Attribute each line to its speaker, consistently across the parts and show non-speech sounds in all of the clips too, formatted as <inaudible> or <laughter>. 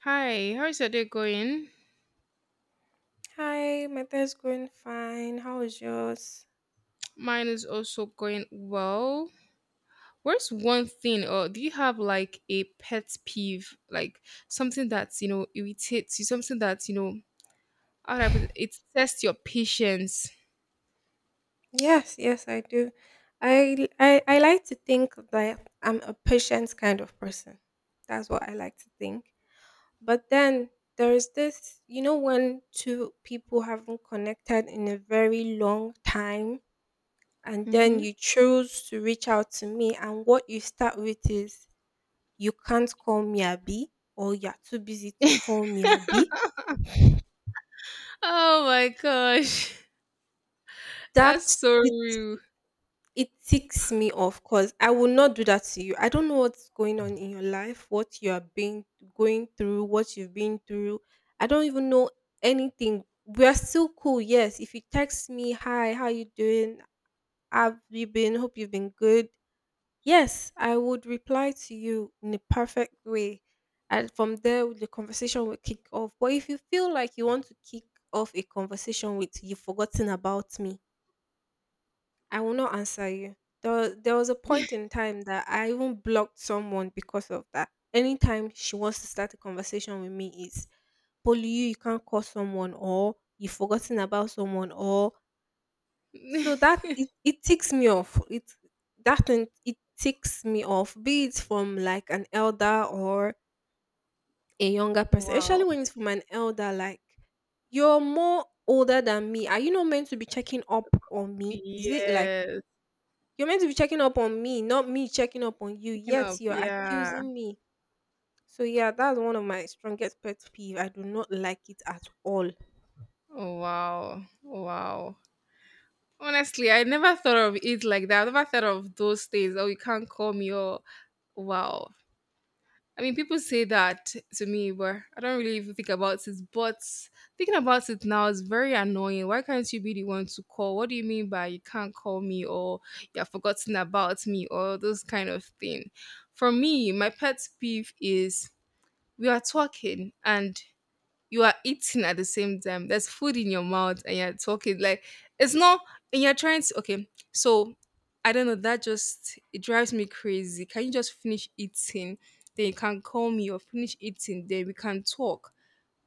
Speaker 1: Hi, how's your day going?
Speaker 2: Hi, my day's going fine. How is yours?
Speaker 1: Mine is also going well. Where's one thing, or do you have like a pet peeve, like something that irritates you, something that how do I put it, it tests your patience?
Speaker 2: Yes, yes, I do. I like to think that I'm a patient kind of person. That's what I like to think. But then there's this, when two people haven't connected in a very long time, and then
Speaker 1: hmm
Speaker 2: you choose to reach out to me, and what you start with is you can't call me Abby, or you're too busy to call me Abby.
Speaker 1: Oh my gosh, <laughs> that's
Speaker 2: That
Speaker 1: so
Speaker 2: it
Speaker 1: rude!
Speaker 2: It ticks me off because I will not do that to you. I don't know what's going on in your life, what you are being going through, what you've been through. I don't even know anything. We are still cool, yes. If you text me, hi, how you doing? Have you been? Hope you've been good. Yes, I would reply to you in a perfect way. And from there, the conversation will kick off. But if you feel like you want to kick off a conversation with you've forgotten about me, I will not answer you. There was a point in time that I even blocked someone because of that. Anytime she wants to start a conversation with me, is Polly, you can't call someone, or you've forgotten about someone, or so
Speaker 1: <laughs>
Speaker 2: that it ticks me off. It That thing it ticks me off, be it from like an elder or a younger person, especially
Speaker 1: Wow.
Speaker 2: when it's from an elder, like you're more older than me. Are you not meant to be checking up on me? Is it like
Speaker 1: Yes.
Speaker 2: you're meant to be checking up on me, not me checking up on you.
Speaker 1: Picking
Speaker 2: Yet
Speaker 1: up.
Speaker 2: you're
Speaker 1: Yeah.
Speaker 2: accusing me. So yeah, that's one of my strongest pet peeve. I do not like it at all.
Speaker 1: Wow. Wow. Honestly, I never thought of it like that. I never thought of those things. Oh, you can't call me or... Wow. I mean, people say that to me, but I don't really even think about it. But thinking about it now is very annoying. Why can't you be the one to call? What do you mean by you can't call me or you have forgotten about me or those kind of thing? For me, my pet peeve is we are talking and you are eating at the same time. There's food in your mouth and you're talking. Like it's not... and you're trying to okay. So I don't know, that just it drives me crazy. Can you just finish eating? Then you can call me or finish eating, then we can talk.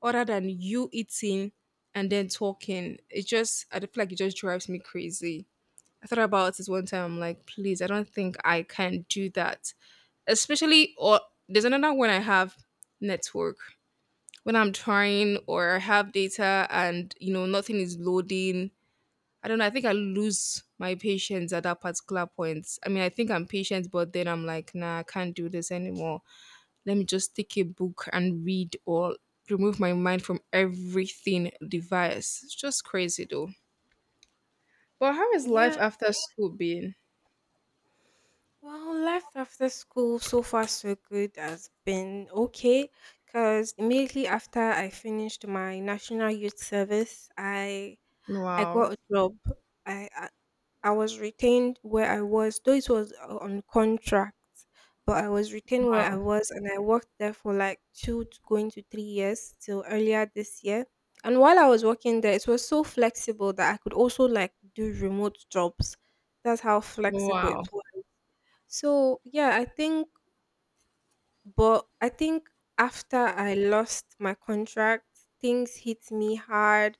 Speaker 1: Other than you eating and then talking. It just I feel like it just drives me crazy. I thought about this one time. I'm like, please, I don't think I can do that. Especially or there's another one I have: network. When I'm trying or have data and nothing is loading. I don't know. I think I lose my patience at that particular point. I mean, I think I'm patient, but then I'm like, nah, I can't do this anymore. Let me just take a book and read or remove my mind from everything device. It's just crazy though. But how is life
Speaker 2: Yeah,
Speaker 1: after school been?
Speaker 2: well, life after school so far so good has been okay because immediately after I finished my national youth service, I
Speaker 1: Wow.
Speaker 2: got a job. I, I I was retained where I was, though it was on contract, but I was retained where I
Speaker 1: Wow.
Speaker 2: was, and I worked there for like two to going to 3 years till earlier this year. And while I was working there, it was so flexible that I could also like do remote jobs. That's how flexible it
Speaker 1: Wow.
Speaker 2: was. So yeah, I think but I think after I lost my contract, things hit me hard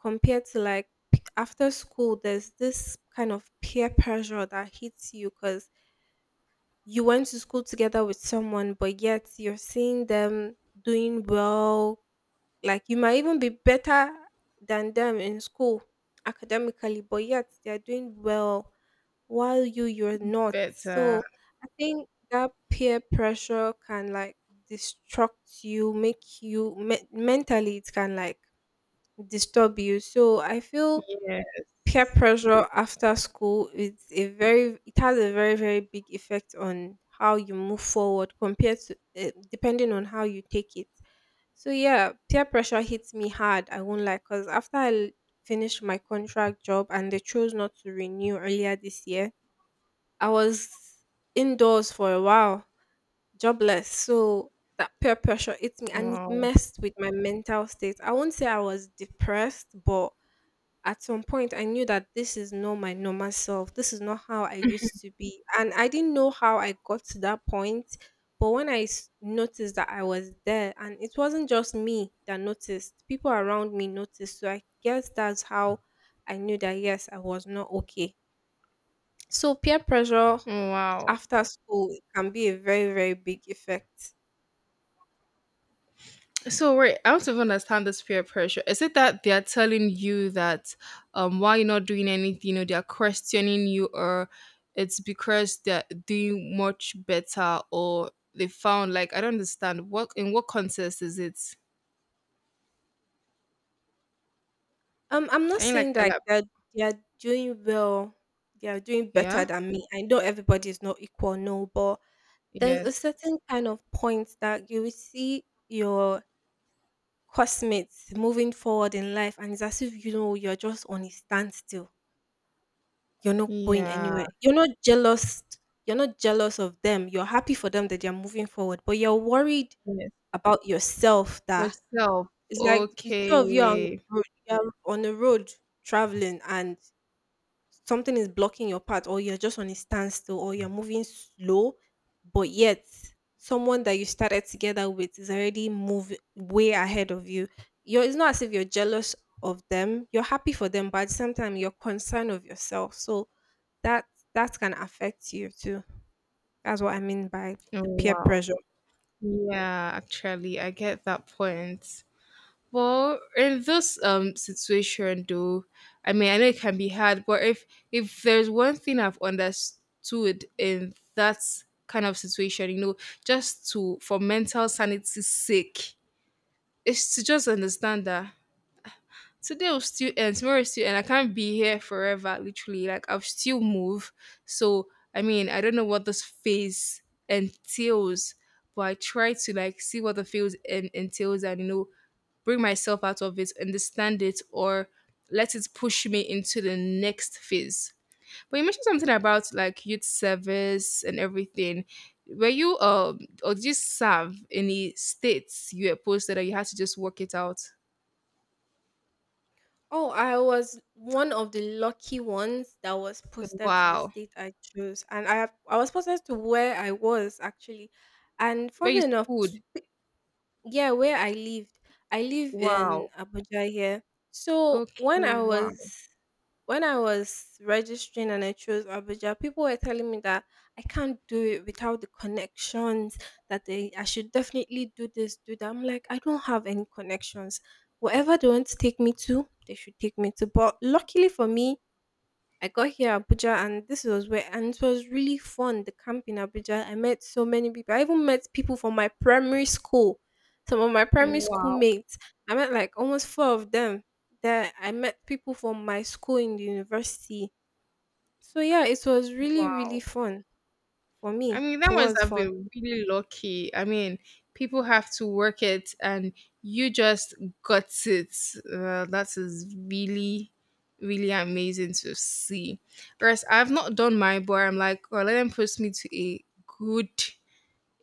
Speaker 2: compared to like after school, there's this kind of peer pressure that hits you because you went to school together with someone, but yet you're seeing them doing well, like you might even be better than them in school academically, but yet they're doing well while you're not.
Speaker 1: Better.
Speaker 2: So I think that peer pressure can like destruct you, make you mentally it can like disturb you. So I feel peer
Speaker 1: Yes.
Speaker 2: pressure after school is a very it has a very very big effect on how you move forward compared to depending on how you take it. So yeah, peer pressure hits me hard. I won't lie, because after I finished my contract job and they chose not to renew earlier this year, I was indoors for a while, jobless. So that peer pressure hit me, and it
Speaker 1: Wow.
Speaker 2: messed with my mental state. I won't say I was depressed, but at some point I knew that this is not my normal self. This is not how I used to be, and I didn't know how I got to that point. But when I noticed that I was there, and it wasn't just me that noticed, people around me noticed. So I guess that's how I knew that yes, I was not okay. So peer pressure
Speaker 1: Wow.
Speaker 2: after school can be a very very big effect.
Speaker 1: So wait, I want to understand this peer pressure. Is it that they are telling you that why you're not doing anything or they are questioning you or it's because they're doing much better or they found like I don't understand what in what context is it?
Speaker 2: I'm not
Speaker 1: Can you
Speaker 2: saying
Speaker 1: like
Speaker 2: that
Speaker 1: elab-...
Speaker 2: they're doing well. They are doing better
Speaker 1: yeah?
Speaker 2: than me. I know everybody is not equal, no, but there's a
Speaker 1: Yes.
Speaker 2: certain kind of point that you will see your classmates moving forward in life, and it's as if you're just on a standstill. You're not going
Speaker 1: Yeah.
Speaker 2: anywhere. You're not jealous. You're not jealous of them. You're happy for them that they're moving forward, but you're worried
Speaker 1: Yes.
Speaker 2: about yourself. That
Speaker 1: Yourself.
Speaker 2: it's like the two of you are on
Speaker 1: Okay.
Speaker 2: the road. You're on the road traveling, and something is blocking your path, or you're just on a standstill, or you're moving slow, but yet someone that you started together with is already moving way ahead of you. You're it's not as if you're jealous of them. You're happy for them, but at the same time you're concerned of yourself. So that that can affect you too. That's what I mean by
Speaker 1: Oh,
Speaker 2: the peer
Speaker 1: wow.
Speaker 2: pressure.
Speaker 1: Yeah, actually I get that point. Well, in this situation, though, I mean, I know it can be hard, but if there's one thing I've understood in that kind of situation, just to for mental sanity's sake, is to just understand that today will still end, tomorrow will still end. I can't be here forever, literally. Like I'll still move. So I mean, I don't know what this phase entails, but I try to like see what the phase entails and bring myself out of it, understand it, or let it push me into the next phase. But you mentioned something about like youth service and everything. Were you or did you serve any states you were posted or you had to just work it out?
Speaker 2: Oh, I was one of the lucky ones that was posted to the
Speaker 1: Wow.
Speaker 2: state I chose, and I was posted to where I was actually, and
Speaker 1: Where you
Speaker 2: funny enough,
Speaker 1: schooled?
Speaker 2: yeah, where I lived. I live in
Speaker 1: Wow.
Speaker 2: Abuja here. So
Speaker 1: Okay.
Speaker 2: when I
Speaker 1: Wow.
Speaker 2: was when I was registering and I chose Abuja, people were telling me that I can't do it without the connections, that they I should definitely do this, do that. I'm like, I don't have any connections. Wherever they want to take me to, they should take me to. But luckily for me, I got here Abuja, and this was where and it was really fun, the camp in Abuja. I met so many people. I even met people from my primary school. Some of my primary school
Speaker 1: Wow.
Speaker 2: mates. I met like almost four of them. That I met people from my school in the university. So yeah, it was really, really
Speaker 1: Wow.
Speaker 2: fun for
Speaker 1: I
Speaker 2: me.
Speaker 1: mean,
Speaker 2: It
Speaker 1: that must
Speaker 2: was
Speaker 1: have
Speaker 2: fun.
Speaker 1: been really lucky. I mean, people have to work it, and you just got it. That is really, really amazing to see. Whereas I've not done my... but I'm like, oh, let them post me to a good,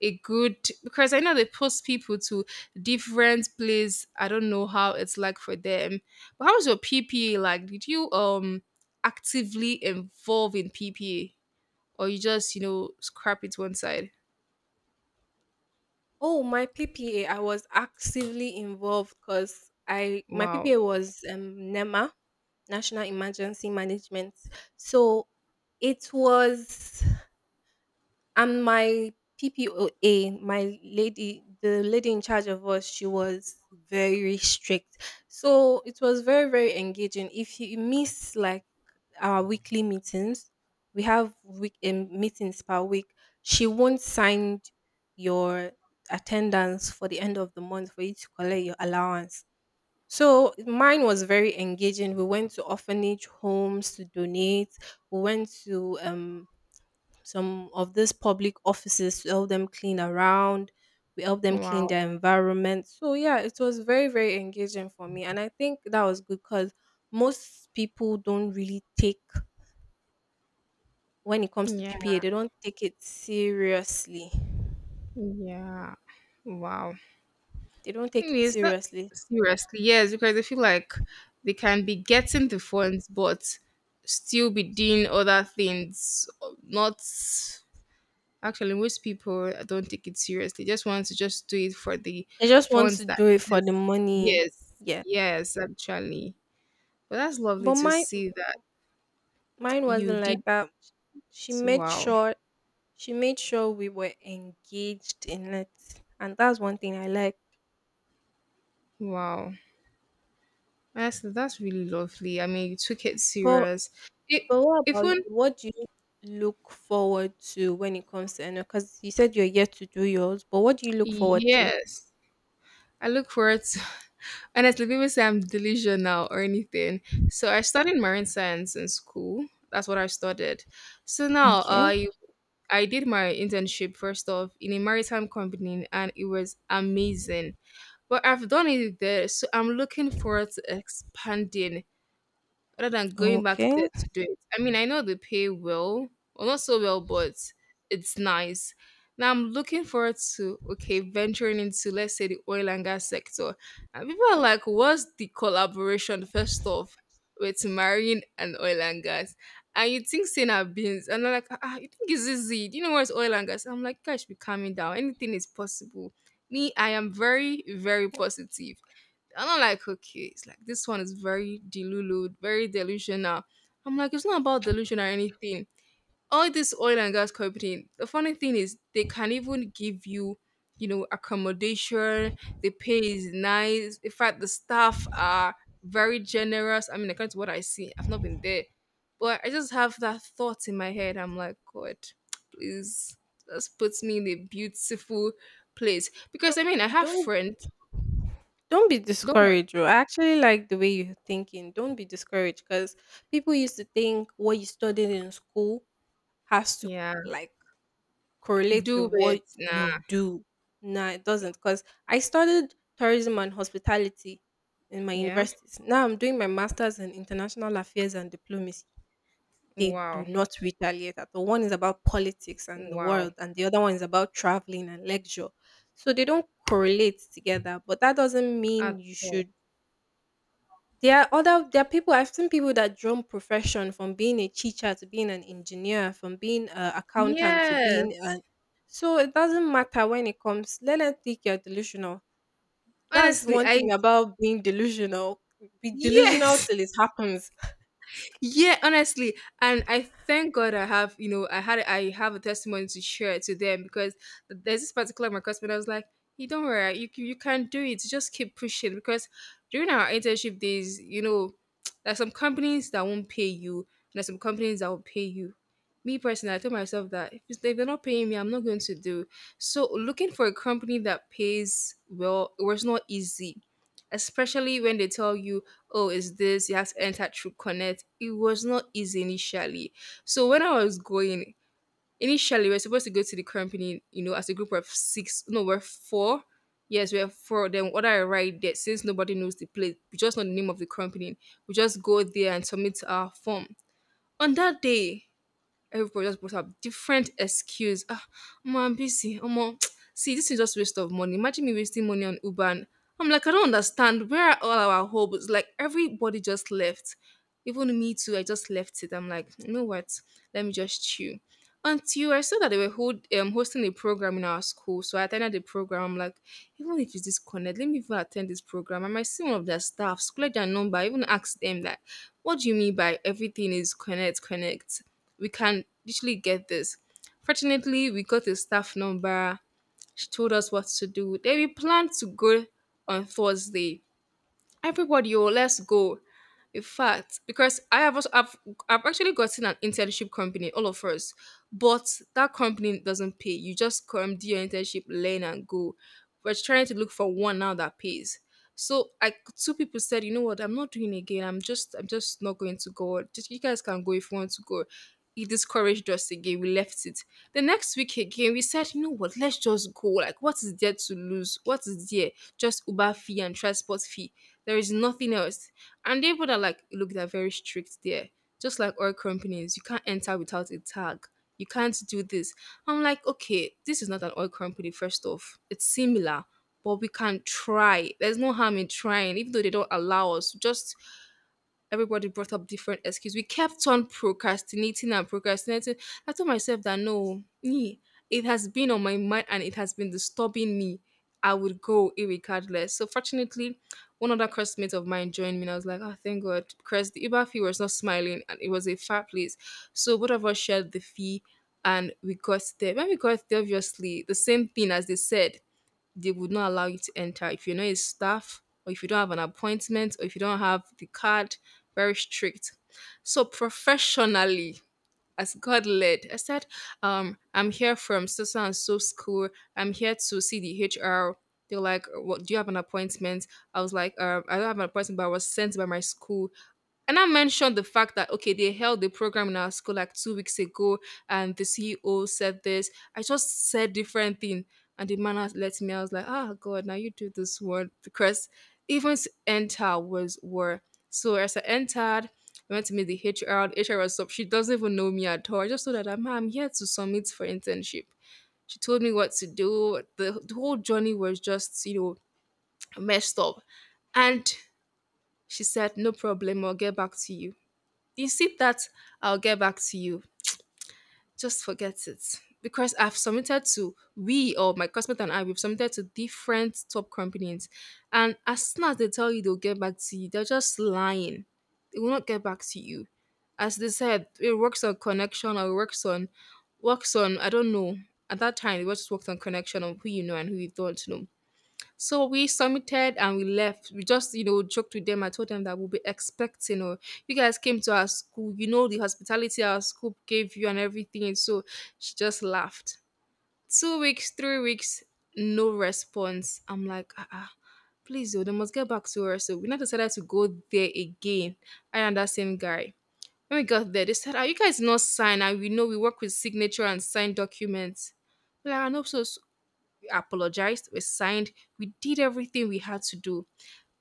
Speaker 1: a good... because I know they post people to different place. I don't know how it's like for them. But how was your PPA like? Did you actively involve in PPA? Or you just scrap it one side.
Speaker 2: Oh, my PPA, I was actively involved because I my
Speaker 1: Wow.
Speaker 2: PPA was NEMA, National Emergency Management. So it was And my PPOA, my lady, the lady in charge of us, she was very strict. So it was very, very engaging. If you miss like our weekly meetings, we have week meetings per week. She won't sign your attendance for the end of the month for you to collect your allowance. So mine was very engaging. We went to orphanage homes to donate. We went to some of these public offices, we help them clean around, we help them clean
Speaker 1: Wow.
Speaker 2: their environment. So yeah, it was very, very engaging for me. And I think that was good because most people don't really take when it comes to
Speaker 1: Yeah.
Speaker 2: PPA, they don't take it seriously.
Speaker 1: Yeah. Wow.
Speaker 2: They don't
Speaker 1: I
Speaker 2: take it
Speaker 1: mean, it's not...
Speaker 2: seriously.
Speaker 1: seriously, yes, because I feel like they can be getting the funds but still be doing other things, not... actually, most people don't take it seriously, just want to just do it for the
Speaker 2: They just want
Speaker 1: funds,
Speaker 2: to
Speaker 1: that
Speaker 2: do it
Speaker 1: it
Speaker 2: for the
Speaker 1: is...
Speaker 2: money.
Speaker 1: yes.
Speaker 2: Yeah.
Speaker 1: Yes, actually. But that's lovely
Speaker 2: But
Speaker 1: to
Speaker 2: mine
Speaker 1: see that
Speaker 2: mine
Speaker 1: you
Speaker 2: wasn't like
Speaker 1: did.
Speaker 2: that. She made
Speaker 1: Wow.
Speaker 2: sure she made sure we were engaged in it. And that's one thing I like.
Speaker 1: Wow. Honestly, that's really lovely. I mean, you took it
Speaker 2: But
Speaker 1: serious. It
Speaker 2: But what about you?
Speaker 1: even...
Speaker 2: What do you look forward to when it comes to annual? Because you said you're yet to do yours, but what do you look forward to?
Speaker 1: yes, I look forward to. <laughs> Honestly, people say I'm delusional or anything. So I studied marine science in school. That's what I studied. So now
Speaker 2: Okay.
Speaker 1: I I did my internship first off in a maritime company, and it was amazing. But I've done it there, so I'm looking forward to expanding, rather than going back there
Speaker 2: Okay.
Speaker 1: to do it. I mean, I know they pay well, well, not so well, but it's nice. Now I'm looking forward to okay venturing into let's say the oil and gas sector, and people are like, "What's the collaboration?" First off, with marine and oil and gas, and you think saying our beans, and they're like, ah, ah, "You think it's easy? Do you know what's oil and gas?" I'm like, "Guys, be calming down. Anything is possible." Me, I am very, very positive. I don't like cookies. Like this one is very delulu, very delusional. I'm like, it's not about delusion or anything. All this oil and gas company. The funny thing is, they can even give you, accommodation. The pay is nice. In fact, the staff are very generous. I mean, according to what I see, I've not been there, but I just have that thought in my head. I'm like, God, please, just put me in a beautiful place. Because
Speaker 2: Don't
Speaker 1: I mean, I have
Speaker 2: don't
Speaker 1: friends.
Speaker 2: don't be
Speaker 1: Don't worry.
Speaker 2: discouraged. Bro. I actually like the way you're thinking. Don't be discouraged because people used to think what you studied in school has to
Speaker 1: Yeah,
Speaker 2: like correlates with
Speaker 1: do
Speaker 2: what
Speaker 1: it now.
Speaker 2: you do. Nah, it doesn't. Because I studied tourism and hospitality in my
Speaker 1: Yeah.
Speaker 2: universities. Now I'm doing my master's in international affairs and diplomacy. They do
Speaker 1: Wow.
Speaker 2: not retaliate at all. One is about politics and the
Speaker 1: Wow.
Speaker 2: world, and the other one is about traveling and leisure. So they don't correlate together. But that doesn't mean
Speaker 1: At
Speaker 2: you
Speaker 1: all.
Speaker 2: should there are people I've seen, people that jump profession from being a teacher to being an engineer, from being an accountant to being
Speaker 1: Yes.
Speaker 2: an so it doesn't matter when it comes. Let them think you're delusional. That's
Speaker 1: Honestly,
Speaker 2: one
Speaker 1: I...
Speaker 2: thing about being delusional.
Speaker 1: <laughs>
Speaker 2: Be delusional
Speaker 1: yes.
Speaker 2: till it happens.
Speaker 1: Yeah, honestly, and I thank God I have I had I have a testimony to share to them. Because there's this particular my customer that was like, you don't worry, you can do it, just keep pushing. Because during our internship days, there's some companies that won't pay you and there's some companies that will pay you. Me personally, I told myself that if they're not paying me, I'm not going to do. So looking for a company that pays well, it was not easy, especially when they tell you, oh, is this? You have to enter through Connect. It was not easy initially. So when I was going, initially we are supposed to go to the company, as a group of six. No, we're four. Yes, we're four. Then what I write there, since nobody knows the place, we just know the name of the company. We just go there and submit our form. On that day, everybody just brought up different excuse. Ah, Omo, I'm busy. Omo, <tsk> see, this is just waste of money. Imagine me wasting money on Uber. And I'm like, I don't understand. Where are all our hopes? Like everybody just left. Even me too. I just left it. I'm like, you know what? Let me just chill. Until I saw that they were hosting a program in our school, so I attended the program. I'm like, even if it's disconnect, let me even attend this program. I might see one of their staffs, collect their number, even ask them that, what do you mean by everything is connect, connect? We can literally get this. Fortunately, we got a staff number. She told us what to do. Then we planned to go on Thursday. Everybody, oh, let's go. In fact, because I have also I've actually gotten an internship company, all of us, but that company doesn't pay. You just come do your internship, learn and go. We're trying to look for one now that pays. So I... two people said, you know what, I'm not doing again. I'm just not going to go. Just you guys can go if you want to go. He discouraged us again. We left it. The next week again, we said, you know what, let's just go. Like, what is there to lose? What is there? Just Uber fee and transport fee. There is nothing else. And they would are like, look, they're very strict there. Just like oil companies, you can't enter without a tag. You can't do this. I'm like, okay, this is not an oil company, first off. It's similar, but we can try. There's no harm in trying, even though they don't allow us. Just everybody brought up different excuses. We kept on procrastinating and procrastinating. I told myself that no, me, it has been on my mind and it has been disturbing me. I would go irregardless. So fortunately, one other classmate of mine joined me and I was like, oh thank God. Because the Uber fee was not smiling and it was a far place. So both of us shared the fee and we got there. When we got there, obviously, the same thing as they said, they would not allow you to enter if you're not a staff or if you don't have an appointment or if you don't have the card. Very strict. So professionally, as God led. I said, I'm here from so and so school. I'm here to see the HR. They're like, what, do you have an appointment? I was like, I don't have an appointment, but I was sent by my school. And I mentioned the fact that, okay, they held the program in our school like 2 weeks ago and the CEO said this. I just said different thing. And the man has let me, I was like, "Ah, God, now you do this one. Because even to enter was were." So as I entered, I went to meet the HR. The HR was up. She doesn't even know me at all. I just told her that, "Ma, I'm here to submit for internship." She told me what to do. The whole journey was just, you know, messed up. And she said, no problem, I'll get back to you. You see that? I'll get back to you. Just forget it, because I've submitted to we or my cosmet, and I we've submitted to different top companies, and as soon as they tell you they'll get back to you, they're just lying. They will not get back to you. As they said, it works on connection, or it works on I don't know. At that time, it was just worked on connection of who you know and who you don't know. So we submitted and we left. We just, you know, joked with them. I told them that we'll be expecting, or you guys came to our school, you know, the hospitality our school gave you and everything. And so she just laughed. 2 weeks, 3 weeks, no response. I'm like, ah, ah, please, oh, they must get back to her. So we now decided to go there again, I and that same guy. When we got there, they said, "Are you guys not sign? And we know we work with signature and signed documents." We're like, I know, so we apologized, we signed, we did everything we had to do.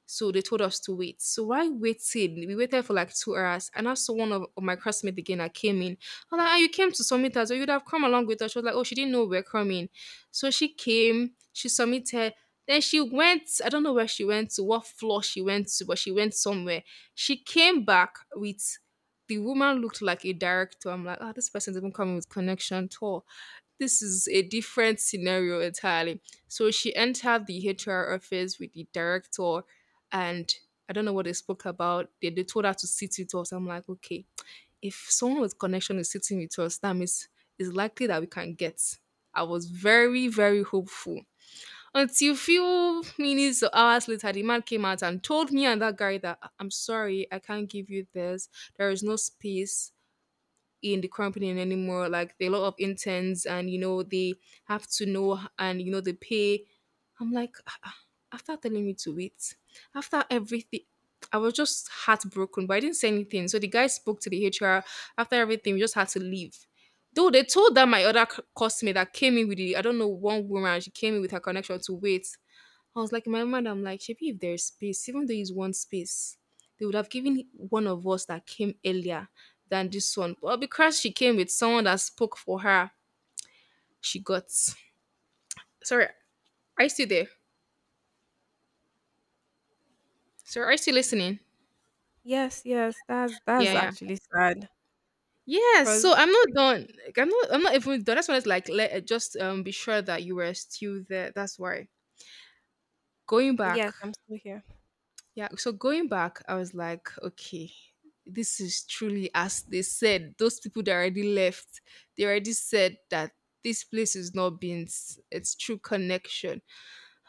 Speaker 1: So they told us to wait. So while waited, we waited for like 2 hours. And also one of my classmates again that came in. I'm like, "Ah, you came to submit us, or you'd have come along with us." She was like, oh, she didn't know we're coming. So she came, she submitted. Then she went, I don't know where she went to, what floor she went to, but she went somewhere. She came back with the woman looked like a director. I'm like, "Ah, this person's even coming with connection tour. This is a different scenario entirely." So she entered the HR office with the director, and I don't know what they spoke about. They told her to sit with us. I'm like, okay, if someone with connection is sitting with us, that means it's likely that we can get. I was very, very hopeful. Until few minutes or hours later, the man came out and told me and that guy that I'm sorry, I can't give you this. There is no space in the company anymore. Like there are a lot of interns, and you know they have to know, and you know they pay. I'm like, "Ah, ah." After telling me to wait, after everything, I was just heartbroken, but I didn't say anything. So the guy spoke to the HR. After everything, we just had to leave. Though they told that my other customer that came in with the, I don't know, one woman, she came in with her connection to wait. I was like, in my mind, I'm like, Shepi, if there's space, even though it's one space, they would have given one of us that came earlier than this one. But because she came with someone that spoke for her, she got. Sorry, are you still there? Sorry, are you still listening?
Speaker 2: Yes, yes, that's
Speaker 1: Yeah, yeah.
Speaker 2: actually sad.
Speaker 1: Yes,
Speaker 2: Cause
Speaker 1: so I'm not done. Like, I'm not, I'm not even done. That's why it's like let just be sure that you were still there. That's why. Going
Speaker 2: yes,
Speaker 1: back,
Speaker 2: I'm still here.
Speaker 1: yeah, so going back, I was like, okay, this is truly as they said. Those people that already left, they already said that this place is not being its true connection.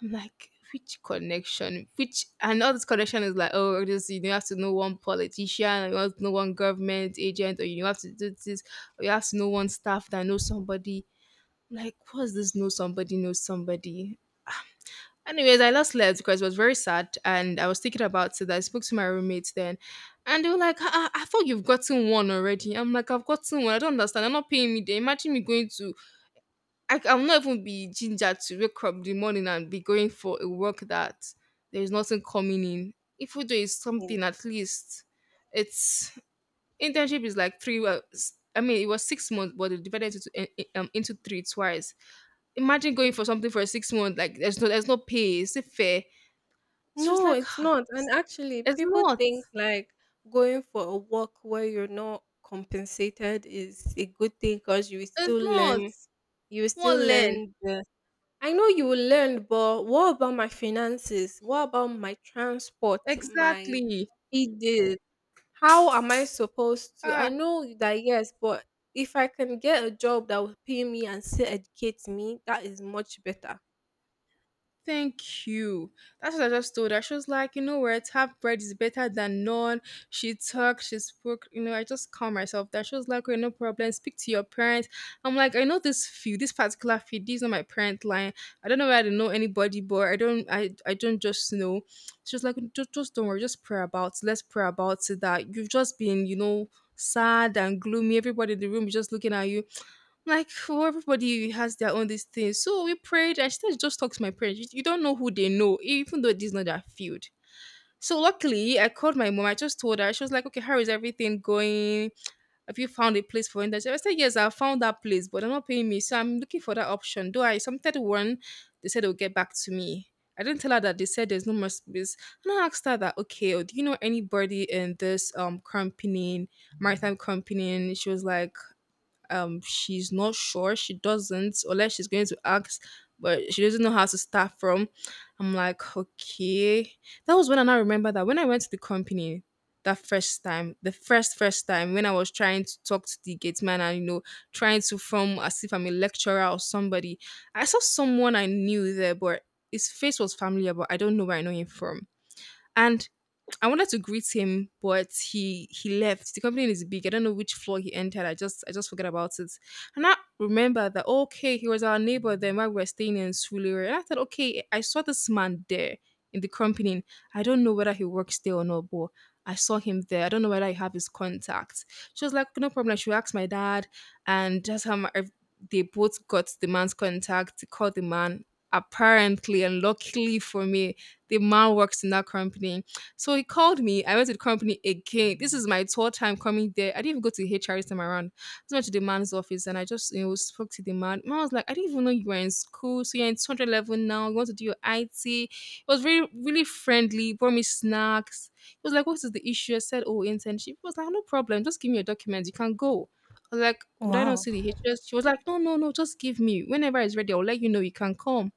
Speaker 1: I'm like, which connection? Which? And all this connection is like, oh, this you have to know one politician, or you have to know one government agent, or you have to do this, or you have to know one staff that knows somebody. Like, what's this? Know somebody, knows somebody. Anyways, I lost left because it was very sad and I was thinking about it. I spoke to my roommates then, and they were like, I thought you've gotten one already. I'm like, I've gotten one? I don't understand. They're not paying me. They imagine me going to, I'll not even be ginger to wake up in the morning and be going for a work that there's nothing coming in. If we do is something, at least it's, internship is like three, well, s- I mean, it was 6 months, but they divided it into three twice. Imagine going for something for 6 months, like there's no pay. Is it fair? She was
Speaker 2: No,
Speaker 1: like,
Speaker 2: it's
Speaker 1: "Ah,
Speaker 2: not. And actually,
Speaker 1: it's
Speaker 2: people
Speaker 1: not,
Speaker 2: think like going for a walk where you're not compensated is a good thing because you will
Speaker 1: it's
Speaker 2: still
Speaker 1: not."
Speaker 2: learn. You will still
Speaker 1: One learn.
Speaker 2: learn the. I know you will learn, but what about my finances? What about my transport? My
Speaker 1: Exactly.
Speaker 2: feeding? How am I supposed to? I
Speaker 1: Ah,
Speaker 2: know that yes, but if I can get a job that will pay me and still educate me, that is much better.
Speaker 1: thank you. That's what I just told her. She was like, you know what, half bread is better than none. She talked, she spoke, I just calmed myself down. She was like, okay, no problem, speak to your parents. I'm like, I know this field, this particular field, this is not my parent line. I don't know where, I don't know anybody, but I don't, I don't just know. She was like, just don't worry, just pray about it. Let's pray about it. That you've just been sad and gloomy. Everybody in the room is just looking at you like, for everybody has their own this thing. So we prayed. I started to just talk to my parents. You don't know who they know, even though it is not their field. So luckily, I called my mom. I just told her. She was like, "Okay, how is everything going? Have you found a place for internship?" I said, "Yes, I found that place, but they're not paying me, so I'm looking for that option." Though I submitted one, they said they'll get back to me. I didn't tell her that they said there's no more space. And I asked her that, okay, oh, do you know anybody in this company, maritime company? And she was like, she's not sure, she doesn't, unless she's going to ask, but she doesn't know how to start from. I'm like, okay. That was when I now remember that when I went to the company that first time, the first time, when I was trying to talk to the gate man, and you know, trying to form as if I'm a lecturer or somebody, I saw someone I knew there, but his face was familiar, but I don't know where I know him from. And I wanted to greet him, but he left. The company is big. I don't know which floor he entered. I just forgot about it. And I remember that, okay, he was our neighbor then while we were staying in Suliri. And I thought, okay, I saw this man there in the company. I don't know whether he works there or not, but I saw him there. I don't know whether I have his contact. She was like, no problem. She asked my dad, and that's how they both got the man's contact. They called the man. Apparently, and luckily for me, the man works in that company, so he called me. I went to the company again. This is my third time coming there. I didn't even go to HR this time around. I went to the man's office and I just, spoke to the man. Man was like, I didn't even know you were in school. So you're in 200 level now. You want to do your IT. It was very really friendly. Brought me snacks. He was like, "What is the issue?" I said, "Oh, internship." He was like, "Ah, no problem. Just give me your documents. You can go." I was like, "Would I not
Speaker 2: Wow.
Speaker 1: see the HR?" She was like, "No, no, no. Just give me. Whenever it's ready, I'll let you know. You can come."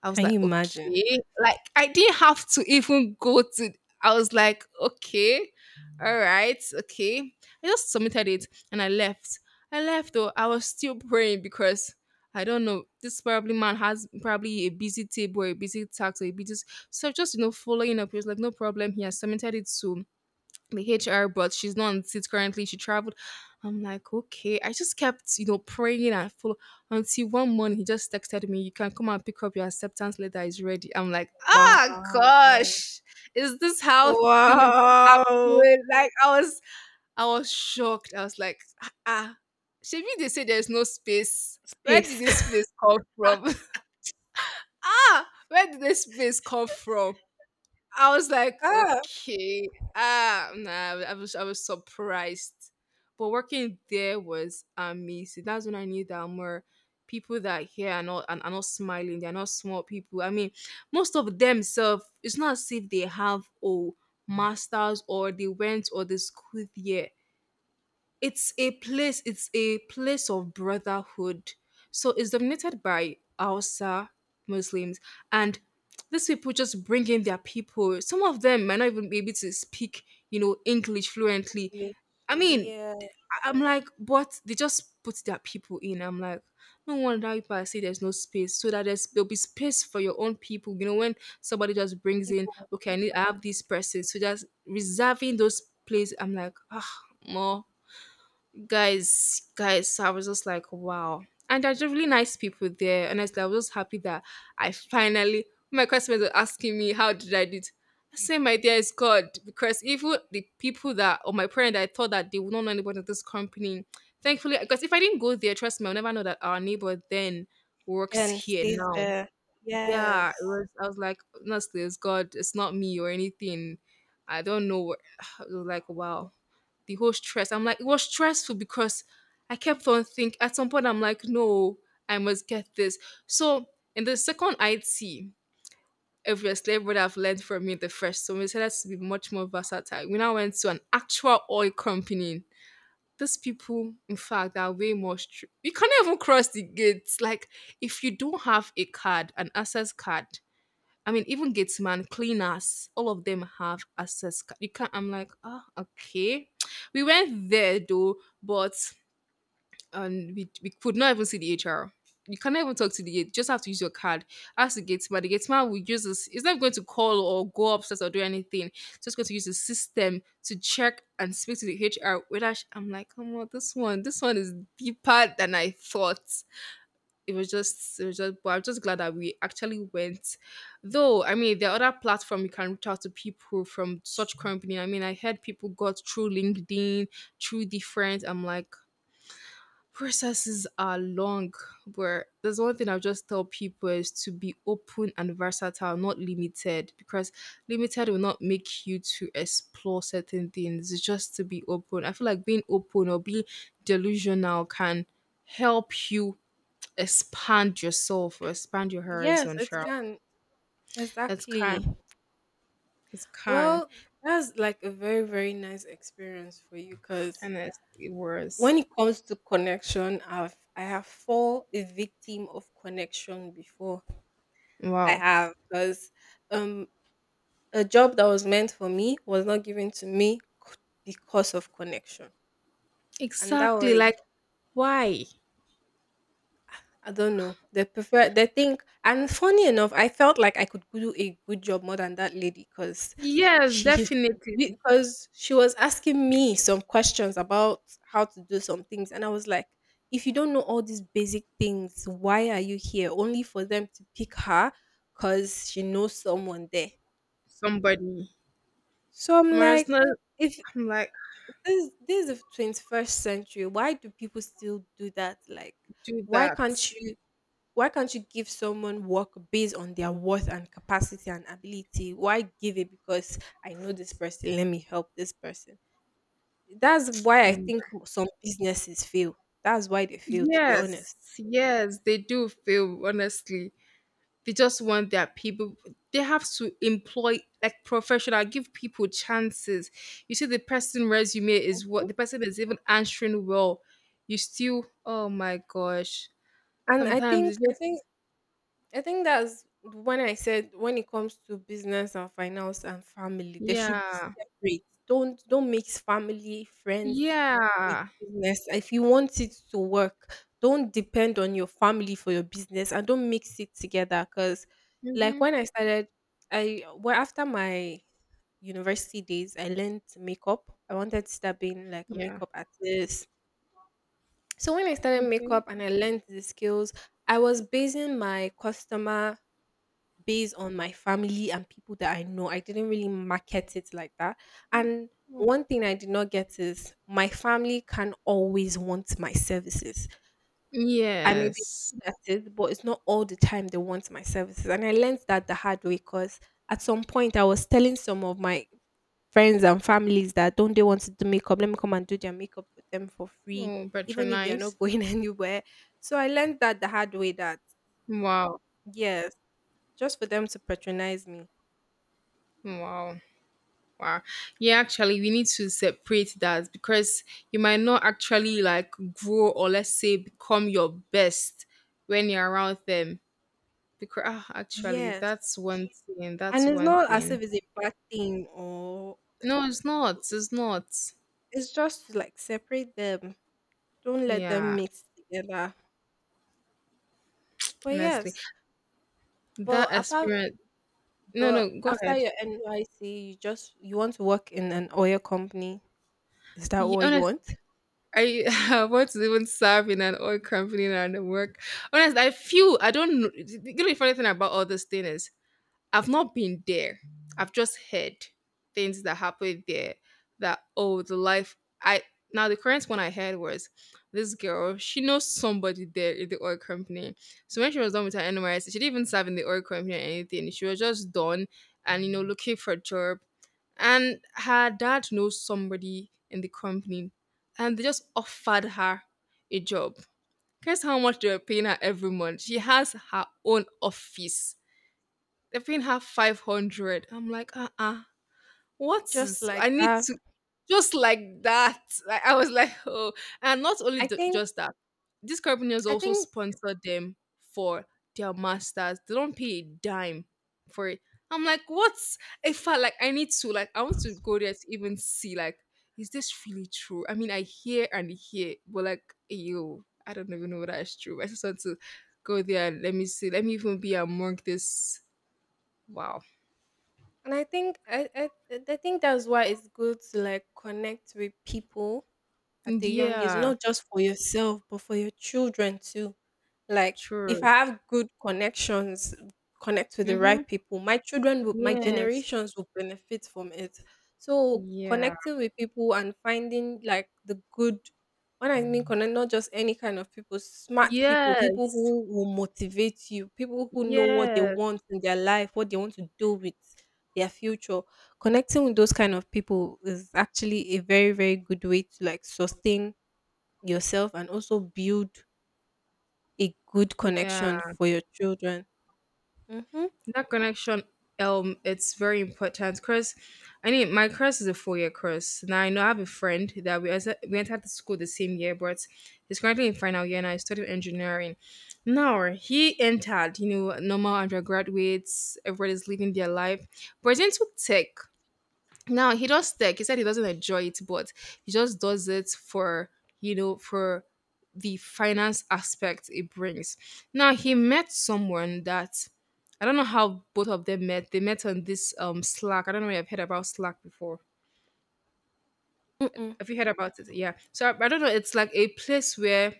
Speaker 1: I was
Speaker 2: Can
Speaker 1: like,
Speaker 2: you imagine?
Speaker 1: "Okay." Like, I didn't have to even go to. I was like, "Okay. Alright. Okay." I just submitted it and I left. I left, though I was still praying, because I don't know, this probably man has probably a busy table, or a busy tax, or a busy. So just you know, following up, he was like, "No problem." He has submitted it to the HR, but she's not on seat currently. She traveled. I'm like, okay. I just kept, you know, praying and follow until one morning he just texted me, you can come and pick up your acceptance letter is ready. I'm like, ah
Speaker 2: Wow.
Speaker 1: gosh, is this how things
Speaker 2: Wow!
Speaker 1: happen? Like I was shocked. I was like, ah, ah. Should they say there's no space? Where did
Speaker 2: Space.
Speaker 1: this space come
Speaker 2: <laughs>
Speaker 1: from? <laughs> ah, where did this space come from? I was like,
Speaker 2: Ah,
Speaker 1: okay, ah, nah, I was surprised. But working there was amazing. That's when I knew that more people that here are not and are not smiling. They're not smart people. I mean, most of themselves, it's not as if they have oh masters or they went or the school there. It's a place of brotherhood, so it's dominated by Hausa Muslims. And these people just bring in their people. Some of them might not even be able to speak, you know, English fluently.
Speaker 2: okay.
Speaker 1: I mean
Speaker 2: Yeah,
Speaker 1: I'm like, but they just put their people in. I'm like, no wonder people are say there's no space, so that there'll be space for your own people, you know, when somebody just brings in,
Speaker 2: people
Speaker 1: okay, I have this person, so just reserving those places. I'm like, ah, more guys. So I was just like, wow. And they're just really nice people there, honestly. I was just happy that I finally, my customers were asking me how did I do it. I say my dear is God, because even the people that or my parents that I thought that they would not know anybody in this company, thankfully, because if I didn't go there, trust me, I'll never know that our neighbor then works
Speaker 2: can
Speaker 1: here
Speaker 2: stays
Speaker 1: now.
Speaker 2: there.
Speaker 1: Yeah, it
Speaker 2: Yes.
Speaker 1: was, I was like, honestly it's God, it's not me or anything. I don't know what- <sighs> I was like, wow, the whole stress. I'm like, it was stressful because I kept on think at some point I'm like, no, I must get this. So in the second IT, obviously everybody have learned from me the first. So we decided to be much more versatile. We now went to an actual oil company. These people, in fact, are way more strict. You can't even cross the gates. Like, if you don't have a card, an access card, I mean, even gateman, cleaners, all of them have access card. You can't. I'm like, ah, okay. We went there though, but we could not even see the HR. You cannot even talk to the gate. You just have to use your card. Ask the gateman. The gateman will use this. He's not going to call or go upstairs or do anything. He's just going to use the system to check and speak to the HR. I'm like, come on, this one is deeper than I thought. It was just, but I'm just glad that we actually went. Though I mean there are other platforms you can reach out to people from such company. I mean I heard people got through LinkedIn, through different. I'm like, processes are long, but there's one thing I'll just tell people is to be open and versatile, not limited, because limited will not make you to explore certain things. It's just to be open. I feel like being open or being delusional can help you expand yourself or expand your
Speaker 2: Yes,
Speaker 1: horizon,
Speaker 2: it
Speaker 1: Cheryl.
Speaker 2: can.
Speaker 1: That's
Speaker 2: Exactly.
Speaker 1: can. It's can.
Speaker 2: Well, that's like a very, very nice experience for you because
Speaker 1: And it
Speaker 2: when
Speaker 1: was.
Speaker 2: it comes to connection, I have fallen a victim of connection before. I
Speaker 1: Wow.
Speaker 2: have because um a job that was meant for me was not given to me c- because of connection. And that
Speaker 1: Exactly.
Speaker 2: was
Speaker 1: Like, why?
Speaker 2: I don't know. They think and funny enough, I felt like I could do a good job more than that lady
Speaker 1: Yes,
Speaker 2: she
Speaker 1: definitely.
Speaker 2: because she was asking me some questions about how to do some things, and I was like, if you don't know all these basic things, why are you here? Only for them to pick her because she knows someone there.
Speaker 1: Somebody.
Speaker 2: So I'm
Speaker 1: Whereas
Speaker 2: like,
Speaker 1: not,
Speaker 2: if
Speaker 1: I'm like,
Speaker 2: this is the 21st century, why do people still do that? Like
Speaker 1: do
Speaker 2: why
Speaker 1: that.
Speaker 2: can't you why can't you give someone work based on their worth and capacity and ability? Why give it because I know this person, let me help this person? That's why I
Speaker 1: Mm.
Speaker 2: think some businesses fail. That's why they fail, to be
Speaker 1: Yes.
Speaker 2: honest.
Speaker 1: Yes, they do feel, honestly. They just want their people. They have to employ like professional, give people chances. You see the person resume is
Speaker 2: Mhm.
Speaker 1: what the person is even answering well. You still, oh my gosh,
Speaker 2: And I
Speaker 1: sometimes
Speaker 2: think
Speaker 1: it's
Speaker 2: I think
Speaker 1: just,
Speaker 2: I think that's when I said when it comes to business and finance and family, they should be
Speaker 1: yeah.
Speaker 2: separate. Don't mix family, friends with
Speaker 1: Yeah.
Speaker 2: business. If you want it to work, don't depend on your family for your business and don't mix it together. Cause like
Speaker 1: Mm-hmm.
Speaker 2: when I started, I well after my university days, I learned makeup. I wanted to start being like a
Speaker 1: Yeah.
Speaker 2: makeup artist. So when I started
Speaker 1: Okay.
Speaker 2: makeup and I learned the skills, I was basing my customer based on my family and people that I know. I didn't really market it like that. And one thing I did not get is my family can always want my services. I may be
Speaker 1: Yes.
Speaker 2: good at it, but it's not all the time they want my services. And I learned that the hard way because at some point I was telling some of my friends and families that don't they want to do makeup? Let me come and do their makeup for them for free,
Speaker 1: Oh,
Speaker 2: even if they are
Speaker 1: patronize.
Speaker 2: not going <laughs> anywhere. So I learned that the hard way that
Speaker 1: Wow.
Speaker 2: yes, just for them to patronize me.
Speaker 1: Wow. Wow. Yeah, actually, we need to separate that because you might not actually like grow or let's say become your best when you're around them. Because ah, actually,
Speaker 2: Yes.
Speaker 1: that's one thing.
Speaker 2: And
Speaker 1: That's
Speaker 2: it's
Speaker 1: one
Speaker 2: not as
Speaker 1: thing.
Speaker 2: if it's a bad thing or
Speaker 1: No, it's not. It's not.
Speaker 2: it's just to, like, separate them. Don't let them
Speaker 1: Yeah,
Speaker 2: mix together. But
Speaker 1: honestly,
Speaker 2: yes,
Speaker 1: that
Speaker 2: but apart
Speaker 1: experience. No,
Speaker 2: but
Speaker 1: no, go
Speaker 2: after
Speaker 1: ahead.
Speaker 2: your NYC, you just you want to work in an oil company. Is that what you
Speaker 1: Honestly,
Speaker 2: want?
Speaker 1: I <laughs> I want to even serve in an oil company and work. Honestly, I feel I don't know. You know the funny thing about all this thing is I've not been there. I've just heard things that happened there, that oh the life I, now the current one I heard was this girl, she knows somebody there in the oil company. So when she was done with her NYS, she didn't even serve in the oil company or anything. She was just done and you know looking for a job. And her dad knows somebody in the company and they just offered her a job. Guess how much they were paying her every month? She has her own office. They're paying her 500. I'm like, uh-uh. What
Speaker 2: Just
Speaker 1: is,
Speaker 2: like
Speaker 1: I need
Speaker 2: that.
Speaker 1: to, just like that. Like, I was like, oh, and not only
Speaker 2: I think
Speaker 1: just that, these companies
Speaker 2: I
Speaker 1: also
Speaker 2: think
Speaker 1: sponsor them for their masters. They don't pay a dime for it. I'm like, what's if I like, I need to like, I want to go there to even see, like, is this really true? I mean I hear and hear, but like, yo, I don't even know whether that's true. I just want to go there and let me see. Let me even be among this. Wow.
Speaker 2: I think I think that's why it's good to like connect with people at a young age,
Speaker 1: Yeah,
Speaker 2: not just for yourself, but for your children too. Like if
Speaker 1: true.
Speaker 2: I have good connections, connect with the
Speaker 1: Hmm.
Speaker 2: right people, my
Speaker 1: Yes.
Speaker 2: generations will benefit from it. So
Speaker 1: Yeah.
Speaker 2: connecting with people and finding like the good, when I mean connect, not just any kind of people, smart people, people
Speaker 1: Yes.
Speaker 2: who will motivate you, people who know what they
Speaker 1: Yes.
Speaker 2: want in their life, what they want to do with their future, connecting with those kind of people is actually a very very good way to like sustain yourself and also build a good
Speaker 1: Yeah.
Speaker 2: connection for your children. Mm-hmm.
Speaker 1: That connection, it's very important. Chris, I mean, my course is a four-year course. Now I know I have a friend that we as we entered the school the same year, but he's currently in final year and I studied engineering. Now he entered, you know, normal undergraduates. Everybody's living their life, but he's into tech. Now he does tech. He said he doesn't enjoy it, but he just does it for, you know, for the finance aspect it brings. Now he met someone that, I don't know how both of them met. They met on this Slack. I don't know if I've heard about Slack before.
Speaker 2: Mm-mm.
Speaker 1: Have you heard about it? Yeah. So I don't know. It's like a place where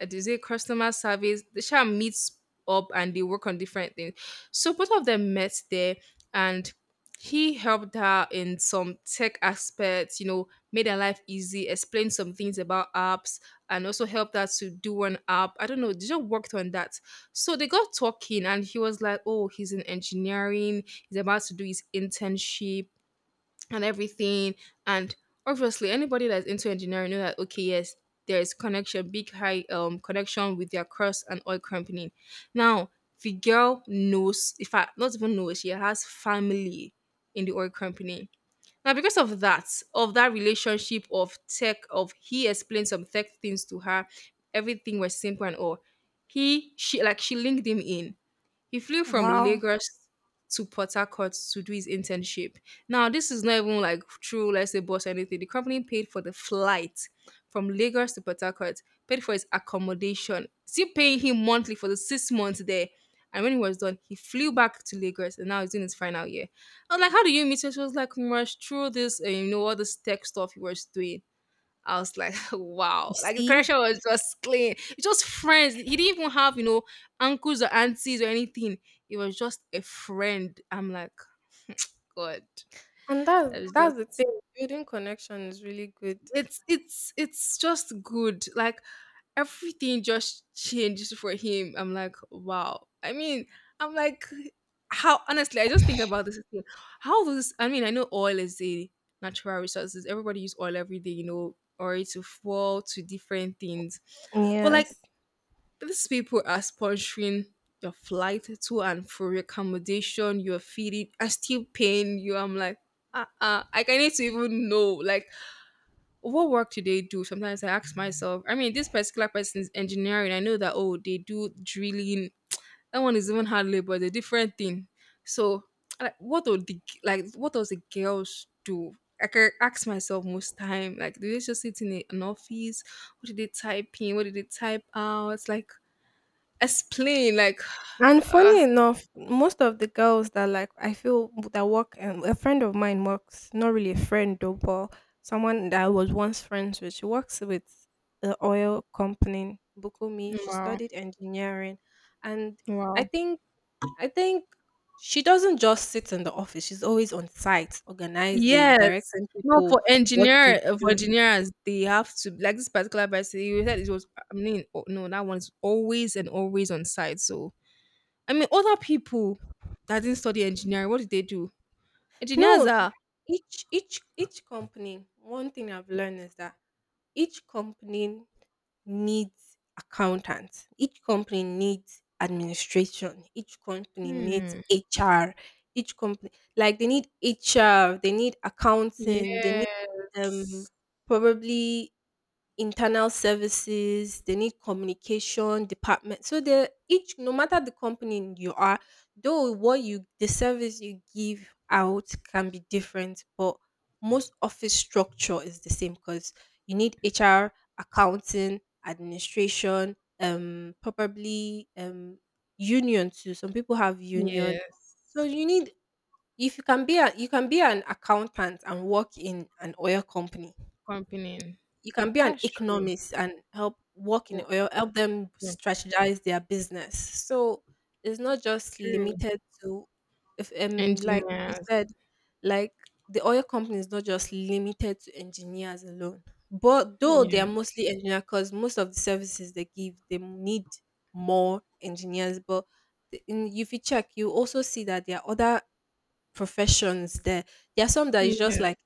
Speaker 1: they say customer service. They shall meet up and they work on different things. So both of them met there, and he helped her in some tech aspects. You know, made her life easy, explained some things about apps, and also helped her to do an app. I don't know. They just worked on that. So they got talking, and he was like, "Oh, he's in engineering. He's about to do his internship." And everything. And obviously, anybody that's into engineering know that okay, yes, there is connection, big high connection with their cross and oil company. Now, the girl knows, if I not even knows, she has family in the oil company. Now, because of that, relationship of tech, of he explained some tech things to her, everything was simple and all. He, she, like she linked him in, he flew from
Speaker 2: Wow.
Speaker 1: Lagos to Port Harcourt to do his internship. Now, this is not even like true, let's say, boss or anything. The company paid for the flight from Lagos to Port Harcourt, paid for his accommodation, still paying him monthly for the 6 months there. And when he was done, he flew back to Lagos and now he's in his final year. I was like, how do you meet her? She was like, Rush, through this, you know, all this tech stuff he was doing. I was like, <laughs>
Speaker 2: You
Speaker 1: wow. Like the
Speaker 2: see,
Speaker 1: connection was just clean. It's just friends. He didn't even have, you know, uncles or aunties or anything. It was just a friend. I'm like, God.
Speaker 2: and that's
Speaker 1: I was
Speaker 2: that's the
Speaker 1: just,
Speaker 2: thing, building connection is really good.
Speaker 1: it's it's just good. Like everything just changed for him. I'm like, wow. I mean, I'm like, how honestly, I just think about this thing. How does, I mean, I know oil is a natural resources. Everybody use oil every day, you know, or to fuel to different things. But like,
Speaker 2: Yes.
Speaker 1: these people are sponsoring your flight to and for your accommodation, your feeding, are still paying you. I'm like, uh, I need to even know. Like, what work do they do? Sometimes I ask myself. I mean, this particular person is engineering. I know that oh, they do drilling. That one is even hard labor. It's a different thing. So, like, what do the like? What does the girls do? I can ask myself most time. Like, do they just sit in an office? What did they type in? What did they type out? Like, explain. Like,
Speaker 2: And funny enough, most of the girls that like I feel that work, and a friend of mine works, not really a friend though, but someone that I was once friends with. She works with the oil company, Bukumi.
Speaker 1: <sighs>
Speaker 2: She
Speaker 1: wow,
Speaker 2: studied engineering, and I
Speaker 1: wow.
Speaker 2: think I think she doesn't just sit in the office. She's always on site, organizing,
Speaker 1: Yes.
Speaker 2: directing
Speaker 1: No,
Speaker 2: people
Speaker 1: for
Speaker 2: what to
Speaker 1: engineer for
Speaker 2: do.
Speaker 1: engineers, they have to, like, this particular person. You said it was. No, that one is always and always on site. So other people that didn't study engineering, what did they do? Engineers
Speaker 2: No,
Speaker 1: are.
Speaker 2: each company. One thing I've learned is that each company needs accountants. Each company needs administration. Each company needs
Speaker 1: Hmm.
Speaker 2: HR. Each company, like they need HR, they need accounting, they need um
Speaker 1: Yes.
Speaker 2: probably internal services, they need communication department. So they each, no matter the company you are, though what you the service you give out can be different, but most office structure is the same because you need HR, accounting, administration, probably union too. Some people have union.
Speaker 1: Yes.
Speaker 2: So you need, if you can be a, you can be an accountant and work in an oil company,
Speaker 1: Company.
Speaker 2: you can be an
Speaker 1: That's true.
Speaker 2: economist and help work in
Speaker 1: Work,
Speaker 2: oil, help them
Speaker 1: work,
Speaker 2: strategize their business. So it's not just
Speaker 1: true.
Speaker 2: limited to, if like you
Speaker 1: Engineers.
Speaker 2: said, like the oil company is not just limited to engineers alone. But though they are
Speaker 1: Yeah.
Speaker 2: mostly engineers, because most of the services they give, they need more engineers. But if you check, you also see that there are other professions there. There are some that is just
Speaker 1: Yeah.
Speaker 2: like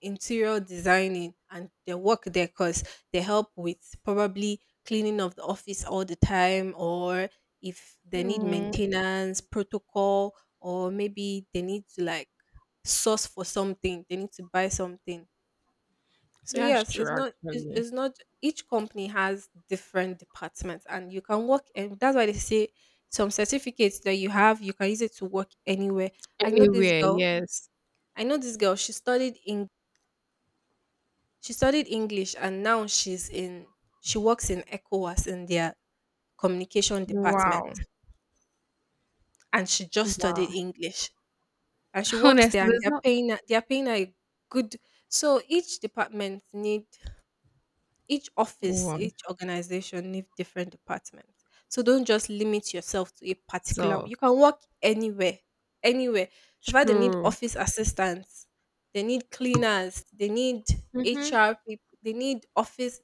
Speaker 2: interior designing and they work there because they help with probably cleaning of the office all the time or if they need
Speaker 1: No.
Speaker 2: maintenance protocol or maybe they need to like source for something, they need to buy something. So
Speaker 1: That's
Speaker 2: yes,
Speaker 1: true.
Speaker 2: it's not it's,
Speaker 1: Actually.
Speaker 2: it's not each company has different departments and you can work, and that's why they say some certificates that you have, you can use it to work anywhere. i know this
Speaker 1: Anywhere.
Speaker 2: girl
Speaker 1: Yes.
Speaker 2: I know this girl. She studied English, and now she's in she works in ECOWAS in their communication department,
Speaker 1: Wow.
Speaker 2: and she just studied
Speaker 1: Wow.
Speaker 2: English, and she
Speaker 1: <laughs>
Speaker 2: works there,
Speaker 1: Honestly,
Speaker 2: and
Speaker 1: it's not
Speaker 2: they're paying her a good. So each department need, each office,
Speaker 1: one
Speaker 2: each organization needs different departments. So don't just limit yourself to a particular.
Speaker 1: so
Speaker 2: You can work anywhere, anywhere. So far, they need
Speaker 1: true.
Speaker 2: office assistants, they need cleaners, they need
Speaker 1: Mm-hmm.
Speaker 2: HR people, they need office.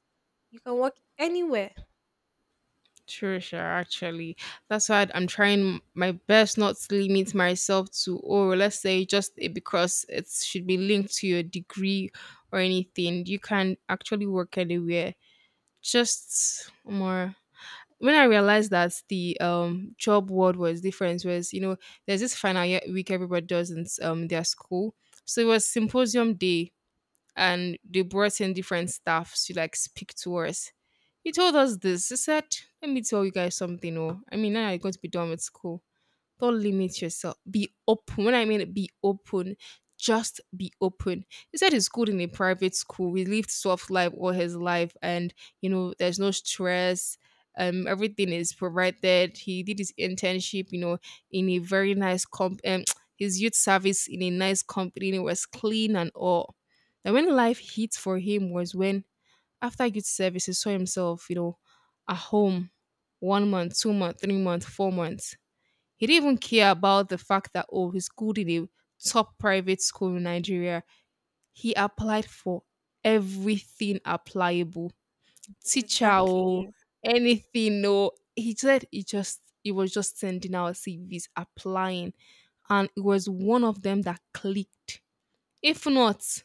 Speaker 2: You can work anywhere.
Speaker 1: True, sure. Actually, that's why I'm trying my best not to limit myself to, or let's say, just it because it should be linked to your degree or anything. You can actually work anywhere. Just more. When I realized that the job world was different, was there's this final year week everybody does in their school, so it was symposium day and they brought in different staff to like speak to us. He told us this. He said, "Let me tell you guys something. Now you're going to be done with school. Don't limit yourself. Be open. When I mean be open, just be open." He said he's good in a private school. He lived soft life all his life, and there's no stress. Everything is provided. He did his internship, in a very nice comp. <tsk> His youth service in a nice company, and it was clean and all. And when life hit for him was when after youth service, he saw himself, at home, 1 month, 2 month, 3 month, 4 months. He didn't even care about the fact that, oh, he's good in a top private school in Nigeria. He applied for everything applicable. Teacher, oh,
Speaker 2: Exactly.
Speaker 1: anything, no. He said he was just sending out CVs, applying. And it was one of them that clicked. If not,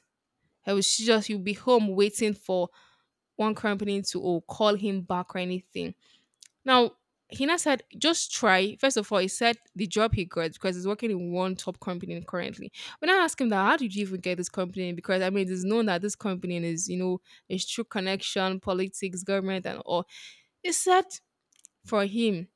Speaker 1: I was just you'll be home waiting for one company to oh, call him back or anything. Now, Hina said, just try. First of all, he said the job he got because he's working in one top company currently. When I asked him that, how did you even get this company? Because it's known that this company is, a true connection, politics, government, and all. He said for him,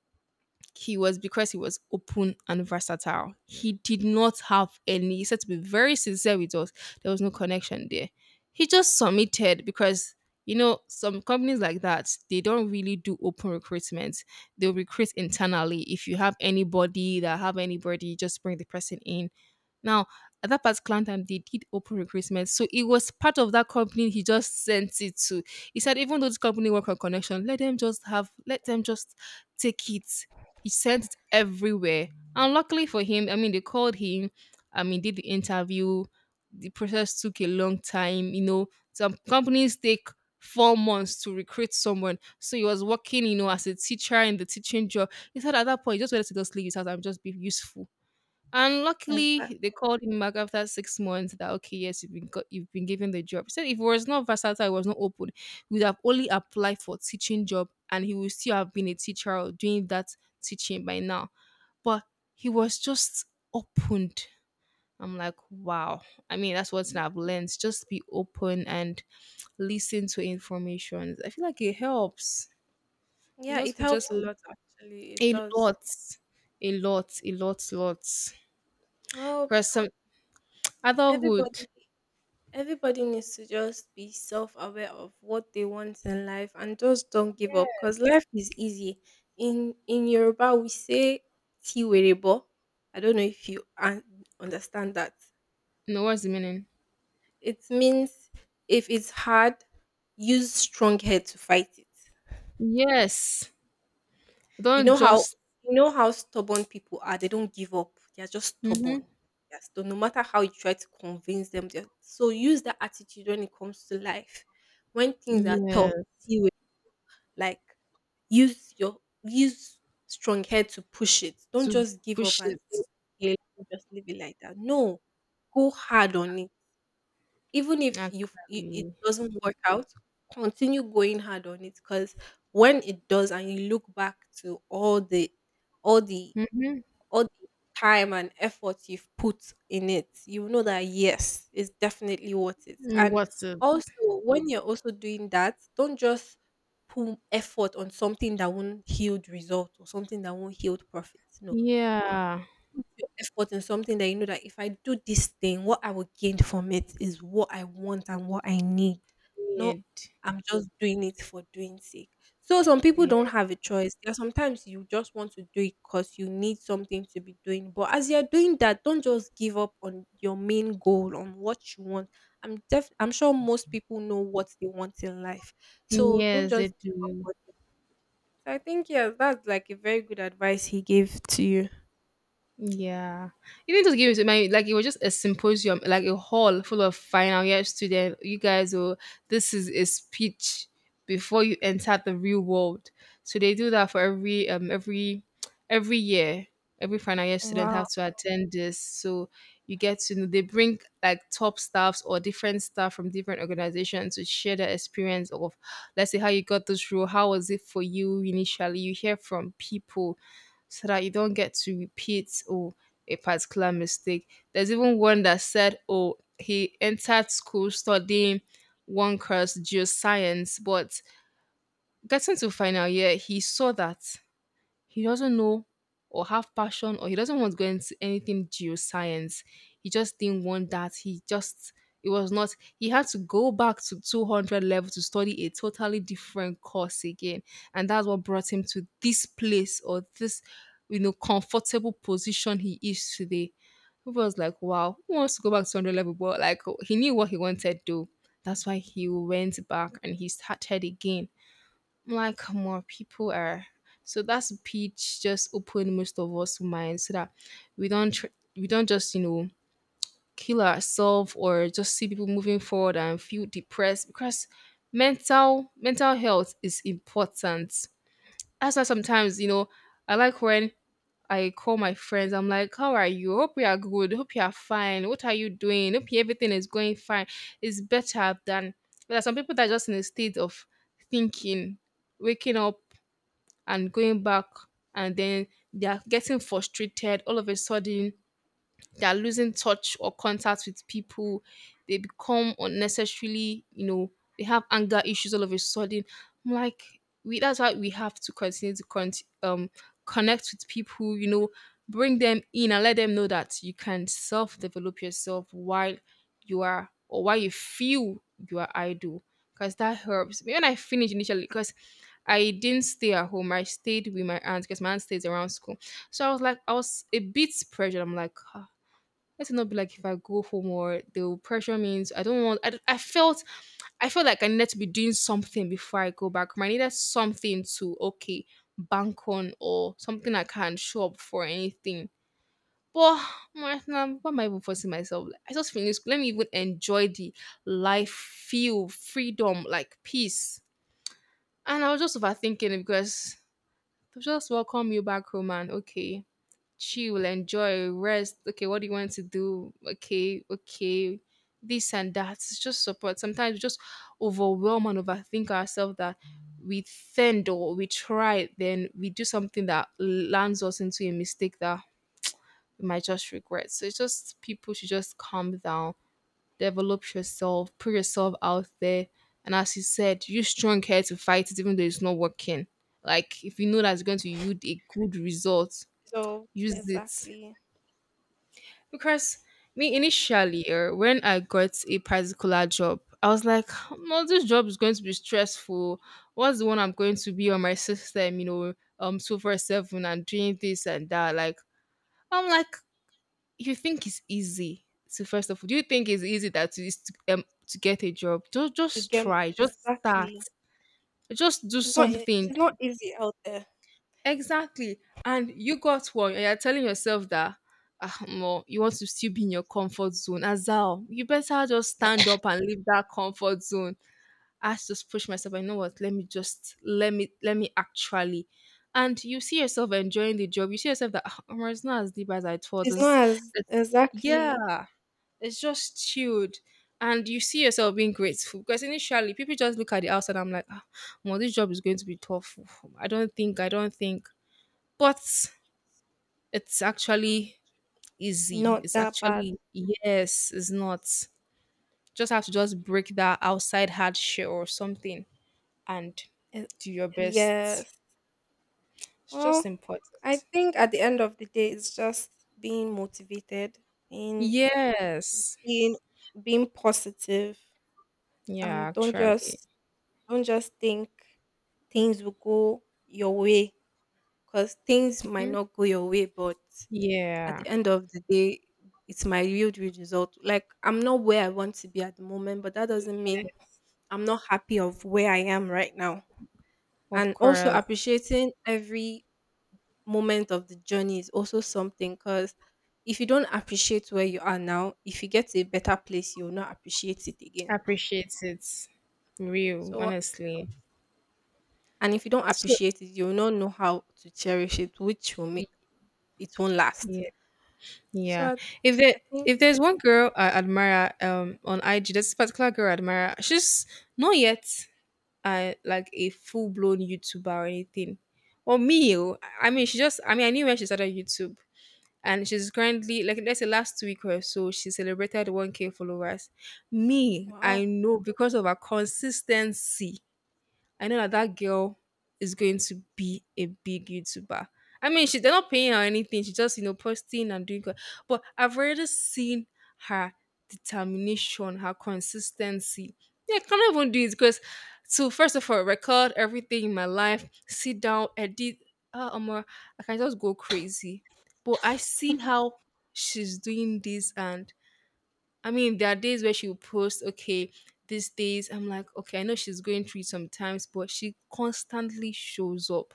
Speaker 1: he was because he was open and versatile. He did not have any, he said to be very sincere with us, there was no connection there. He just submitted because, some companies like that, they don't really do open recruitment. They'll recruit internally. If you have anybody that have anybody, just bring the person in now, at that particular time, they did open recruitment. So it was part of that company he just sent it to. He said, even though this company work on connection, let them just take it. He sent it everywhere. And luckily for him, they called him, did the interview. The process took a long time. You know, some companies take 4 months to recruit someone. So he was working, as a teacher in the teaching job. He said at that point, he just wanted to just leave his house and just be useful, and luckily,
Speaker 2: Exactly.
Speaker 1: they called him back after 6 months. That okay, yes, you've been given the job. He said if it was not versatile, it was not open, he would have only applied for teaching job, and he would still have been a teacher or doing that teaching by now. But he was just opened. I'm like, wow. I mean, that's what I've learned. Just be open and listen to information. I feel like it helps.
Speaker 2: Yeah, it
Speaker 1: We just
Speaker 2: helps a lot actually. It
Speaker 1: a
Speaker 2: does.
Speaker 1: lot, a lot, a lot, lots.
Speaker 2: Well,
Speaker 1: Because some adulthood.
Speaker 2: everybody everybody needs to just be self-aware of what they want in life and just don't give up because life is easy. In Yoruba we say tiwerebo. I don't know if you understand that.
Speaker 1: No, what's the meaning?
Speaker 2: It means if it's hard, use strong head to fight it.
Speaker 1: Yes.
Speaker 2: you
Speaker 1: Don't
Speaker 2: know how
Speaker 1: just.
Speaker 2: you know how stubborn people are, they don't give up, they're just
Speaker 1: Mm-hmm.
Speaker 2: stubborn. Yes, so no matter how you try to convince them, they're- so use that attitude when it comes to life when things are tough.
Speaker 1: Yes.
Speaker 2: See, like use your, use strong head to push it. Don't
Speaker 1: To
Speaker 2: just give up
Speaker 1: push
Speaker 2: and
Speaker 1: it
Speaker 2: say, "Okay, let me just leave it like that." No, go hard on it. Even if you, it
Speaker 1: actually.
Speaker 2: doesn't work out, continue going hard on it because when it does, and you look back to all all the the time and effort you've put in it, you know that yes, it's definitely worth it.
Speaker 1: Mm-hmm.
Speaker 2: And
Speaker 1: What's it?
Speaker 2: also, when you're also doing that, don't just put effort on something that won't yield result or something that won't yield profits. No,
Speaker 1: Yeah.
Speaker 2: put your effort in something that you know that if I do this thing, what I will gain from it is what I want and what I need. No,
Speaker 1: It.
Speaker 2: I'm just doing it for doing sake. So some people don't
Speaker 1: Yeah.
Speaker 2: have a choice. There are sometimes you just want to do it because you need something to be doing. But as you're doing that, don't just give up on your main goal on what you want. I'm sure most people know what they want in life. So don't
Speaker 1: Yes, they
Speaker 2: just give
Speaker 1: do.
Speaker 2: up. So I think yes, that's like a very good advice he gave to you.
Speaker 1: Yeah, even just give it to me. Like it was just a symposium, like a hall full of final year students. You guys, oh, this is a speech before you enter the real world. So they do that for every every year. Every final year student
Speaker 2: Wow.
Speaker 1: have to attend this. So you get to know they bring like top staffs or different staff from different organizations to share their experience of let's say how you got this role, how was it for you initially? You hear from people so that you don't get to repeat oh a particular mistake. There's even one that said, "Oh, he entered school studying one course, geoscience, but getting to final year, he saw that he doesn't know or have passion or he doesn't want to go into anything geoscience. He just didn't want that. He just it was not he had to go back to 200 level to study a totally different course again, and that's what brought him to this place or this comfortable position he is today." It was like wow, who wants to go back to 200 level, but like he knew what he wanted to do, that's why he went back and he started again. Like, more people are so that's a pitch just open most of us mind so that we don't we don't just kill ourselves or just see people moving forward and feel depressed because mental health is important. That's why sometimes I like when I call my friends. I'm like, how are you? Hope you are good. Hope you are fine. What are you doing? Hope you- everything is going fine. It's better than there are some people that are just in a state of thinking, waking up and going back, and then they are getting frustrated all of a sudden, they are losing touch or contact with people. They become unnecessarily, they have anger issues all of a sudden. I'm like, we that's why we have to continue to um connect with people, bring them in and let them know that you can self-develop yourself while you are or while you feel you are idle. Because that helps. Maybe when I finished initially, because I didn't stay at home. I stayed with my aunt because my aunt stays around school. So I was like, I was a bit pressured. I'm like, "Ah, let it not be like if I go home or they will pressure me into- I don't want. I felt. I felt like I needed to be doing something before I go back home. I needed something to okay bank on or something I can show up for anything. But my- nah, what am I even forcing myself? Like, I just finished school. Let me even enjoy the life, feel freedom, like peace." And I was just overthinking it because they just welcome you back home and okay, chill, enjoy, rest. Okay, what do you want to do? Okay, okay, this and that. It's just support. Sometimes we just overwhelm and overthink ourselves that we think or we try, then we do something that lands us into a mistake that we might just regret. So it's just people should just calm down, develop yourself, put yourself out there. And as you said, use strong care to fight it, even though it's not working. Like if you know that's going to yield a good result,
Speaker 2: So
Speaker 1: use it.
Speaker 2: exactly.
Speaker 1: Because me
Speaker 2: Mm.
Speaker 1: initially, when I got a particular job, I was like, "No, this job is going to be stressful. What's the one I'm going to be on my system? You know, 24/7 and doing this and that." Like, I'm like, you think it's easy? So first of all, do you think it's easy that to get a job? Just
Speaker 2: To
Speaker 1: just
Speaker 2: get
Speaker 1: try, just start,
Speaker 2: exactly.
Speaker 1: just do
Speaker 2: It's not e-
Speaker 1: something.
Speaker 2: it's not easy out there.
Speaker 1: Exactly. And you got one, and you're telling yourself that ah, more you want to still be in your comfort zone. Azal, you better just stand up and leave that comfort zone. I had to just push myself. I know what. Let me actually. And you see yourself enjoying the job. You see yourself that "Ah, omo, it's not as deep as I thought.
Speaker 2: It's not as
Speaker 1: It's
Speaker 2: exactly,
Speaker 1: yeah, it's just chilled." And you see yourself being grateful because initially people just look at the outside. I'm like, ah, well, this job is going to be tough. I don't think but it's actually easy.
Speaker 2: not
Speaker 1: It's
Speaker 2: that bad.
Speaker 1: actually yes, it's not. Just have to just break that outside hard shell or something and
Speaker 2: It,
Speaker 1: do your best. It's
Speaker 2: yes. Well,
Speaker 1: just
Speaker 2: I
Speaker 1: important.
Speaker 2: think at the end of the day, it's just being motivated, being
Speaker 1: Yes.
Speaker 2: being being positive,
Speaker 1: Yeah,
Speaker 2: and
Speaker 1: actually.
Speaker 2: don't just think things will go your way because things might
Speaker 1: Mhm.
Speaker 2: not go your way, but at
Speaker 1: Yeah.
Speaker 2: the end of the day, it's my yield result. Like I'm not where I want to be at the moment, but that doesn't mean
Speaker 1: Yes.
Speaker 2: I'm not happy of where I am right now.
Speaker 1: Of
Speaker 2: And also
Speaker 1: course.
Speaker 2: appreciating every moment of the journey is also something because if you don't appreciate where you are now, if you get to a better place, you'll not appreciate it again.
Speaker 1: Appreciate it. Real,
Speaker 2: So,
Speaker 1: honestly.
Speaker 2: and if you don't
Speaker 1: So
Speaker 2: appreciate it, you'll not know how to cherish it, which will make it won't last.
Speaker 1: yeah.
Speaker 2: So,
Speaker 1: Yeah. If there
Speaker 2: I think,
Speaker 1: if there's one girl I admire on IG, there's this particular girl I admire. She's not yet like a full blown YouTuber or anything. Or me, oh. I mean I knew when she started YouTube. And she's currently, like, let's say last week or so, she celebrated 1K followers. Me,
Speaker 2: wow,
Speaker 1: I know because of her consistency. I know that that girl is going to be a big YouTuber. I mean, she's they're not paying her anything. She's just posting and doing good. But I've already seen her determination, her consistency. Yeah, I can't even do it because to first of all record everything in my life, sit down, edit. Omar, I can just go crazy. But I see how she's doing this. And I mean, there are days where she'll post, okay, these days, I'm like, okay, I know she's going through it sometimes, but she constantly shows up.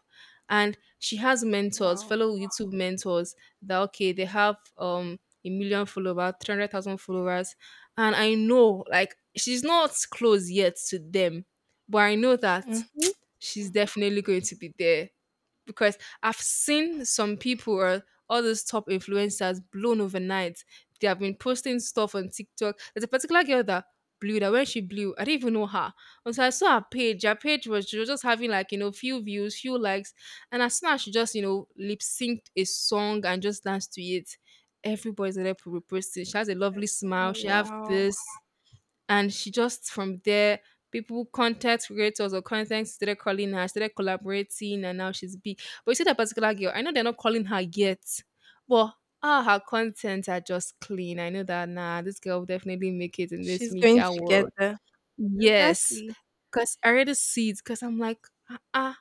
Speaker 1: And she has mentors,
Speaker 2: wow,
Speaker 1: fellow YouTube mentors, that, okay, they have a million followers, 300,000 followers. And I know, like, she's not close yet to them, but I know that
Speaker 2: mm-hmm,
Speaker 1: she's definitely going to be there because I've seen some people, or all those top influencers blown overnight. They have been posting stuff on TikTok. There's a particular girl that blew, that when she blew, I didn't even know her. Until I saw her page was, she was just having, like, few views, few likes. And as soon as she just, lip synced a song and just danced to it, everybody's there reposting. She has a lovely smile. She have
Speaker 2: wow,
Speaker 1: this, and she just from there people, content creators, or content, started calling her, started collaborating, and now she's big. But you see that particular girl, I know they're not calling her yet, but ah, her contents are just clean. I know that, nah, this girl will definitely make it in this
Speaker 2: she's going
Speaker 1: media
Speaker 2: to get
Speaker 1: world.
Speaker 2: there.
Speaker 1: Yes,
Speaker 2: Exactly.
Speaker 1: because I already see it, because I'm like, ah, ah,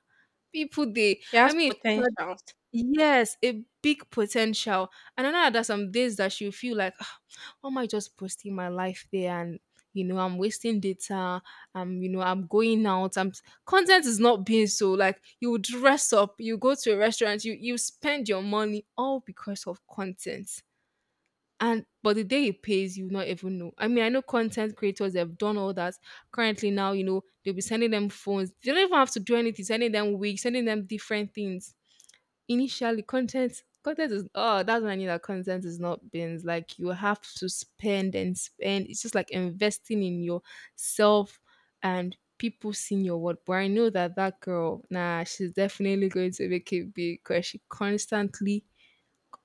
Speaker 1: people they
Speaker 2: She
Speaker 1: I
Speaker 2: has
Speaker 1: mean.
Speaker 2: potential.
Speaker 1: Yes, a big potential. And I know that there's some days that she'll feel like, "Ah, why am I just posting my life there? And, I'm wasting data. I'm, I'm going out. I'm content is not being so, like, you dress up, you go to a restaurant, you spend your money all because of content. And but the day it pays, you not even know. I mean, I know content creators have done all that. Currently now, they'll be sending them phones. They don't even have to do anything, sending them wigs, sending them different things. Initially, content is, oh, that's when I knew that content is not beans. Like, you have to spend and spend. It's just like investing in yourself and people seeing your work. But I know that that girl, nah, she's definitely going to make it big because she constantly,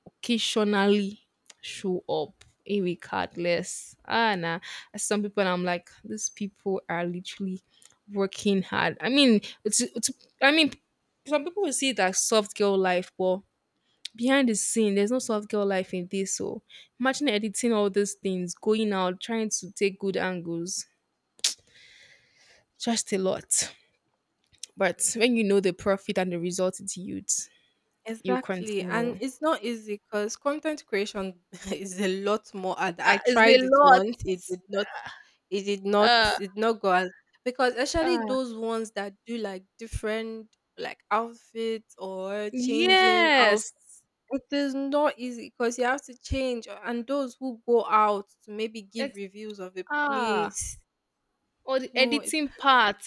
Speaker 1: occasionally show up irregardless. Ah, nah, some people, I'm like, these people are literally working hard. I mean, it's I mean, some people will see it as soft girl life, but behind the scene, there's no soft girl life in this. So imagine editing all these things, going out, trying to take good angles, just a lot. But when you know the profit and the result it yields, you
Speaker 2: Exactly. And
Speaker 1: continue.
Speaker 2: it's not easy because content creation <laughs> is a lot more ad. I
Speaker 1: It's a
Speaker 2: tried it
Speaker 1: lot.
Speaker 2: once. It did not, it did not
Speaker 1: Uh,
Speaker 2: it did not go as, because actually
Speaker 1: uh,
Speaker 2: those ones that do like different, like outfits or changing outfit,
Speaker 1: yes.
Speaker 2: it is not easy because you have to change, and those who go out to maybe give
Speaker 1: Ex-
Speaker 2: reviews of a
Speaker 1: ah,
Speaker 2: place.
Speaker 1: or the
Speaker 2: No, it,
Speaker 1: editing part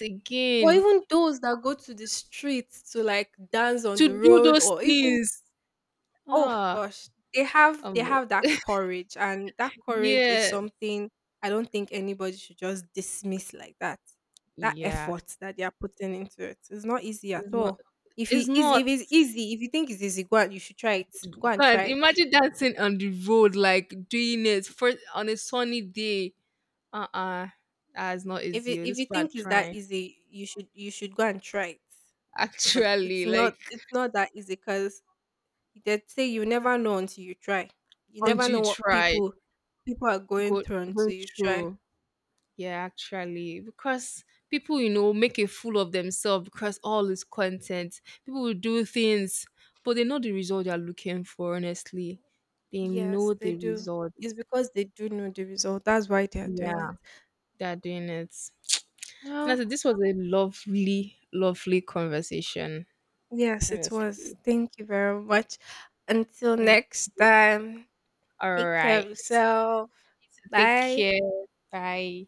Speaker 2: or
Speaker 1: again
Speaker 2: even those that go to the streets to like dance on
Speaker 1: to
Speaker 2: the
Speaker 1: do
Speaker 2: road
Speaker 1: those
Speaker 2: or even,
Speaker 1: things.
Speaker 2: oh
Speaker 1: Ah,
Speaker 2: gosh, they have, they
Speaker 1: um,
Speaker 2: have that courage, and that courage is
Speaker 1: yeah,
Speaker 2: something I don't think anybody should just dismiss like that. That
Speaker 1: yeah.
Speaker 2: effort that they are putting into it, it's not easy at
Speaker 1: It's not.
Speaker 2: all. If
Speaker 1: It's
Speaker 2: it is,
Speaker 1: not.
Speaker 2: if it's easy, if you think it's easy, go and you should try it. Go and try
Speaker 1: God,
Speaker 2: it.
Speaker 1: imagine dancing on the road, like doing it for on a sunny day. Uh uh that's not
Speaker 2: If
Speaker 1: easy.
Speaker 2: it,
Speaker 1: Oh,
Speaker 2: if
Speaker 1: this
Speaker 2: you
Speaker 1: part
Speaker 2: think it's that
Speaker 1: trying
Speaker 2: easy, you should go and try it.
Speaker 1: <laughs>
Speaker 2: But it's
Speaker 1: actually,
Speaker 2: not
Speaker 1: like,
Speaker 2: it's not that easy because they say you never know until you try. You never
Speaker 1: until
Speaker 2: know
Speaker 1: you
Speaker 2: what
Speaker 1: try,
Speaker 2: people, people are going
Speaker 1: go
Speaker 2: through until
Speaker 1: go
Speaker 2: you try.
Speaker 1: through. Yeah, actually, because people, make a fool of themselves because all is content. People will do things, but they know the result they are looking for. Honestly, they
Speaker 2: Yes,
Speaker 1: know
Speaker 2: they
Speaker 1: the
Speaker 2: do.
Speaker 1: result.
Speaker 2: It's because they do know the result. That's why they are doing
Speaker 1: Yeah,
Speaker 2: it.
Speaker 1: they're doing it. And I
Speaker 2: Well,
Speaker 1: said, this was a lovely, lovely conversation.
Speaker 2: yes, it was.
Speaker 1: Honestly.
Speaker 2: Thank you very much. Until
Speaker 1: Thank-
Speaker 2: next time,
Speaker 1: all
Speaker 2: take care of
Speaker 1: right.
Speaker 2: yourself.
Speaker 1: Take
Speaker 2: Bye.
Speaker 1: care. Bye.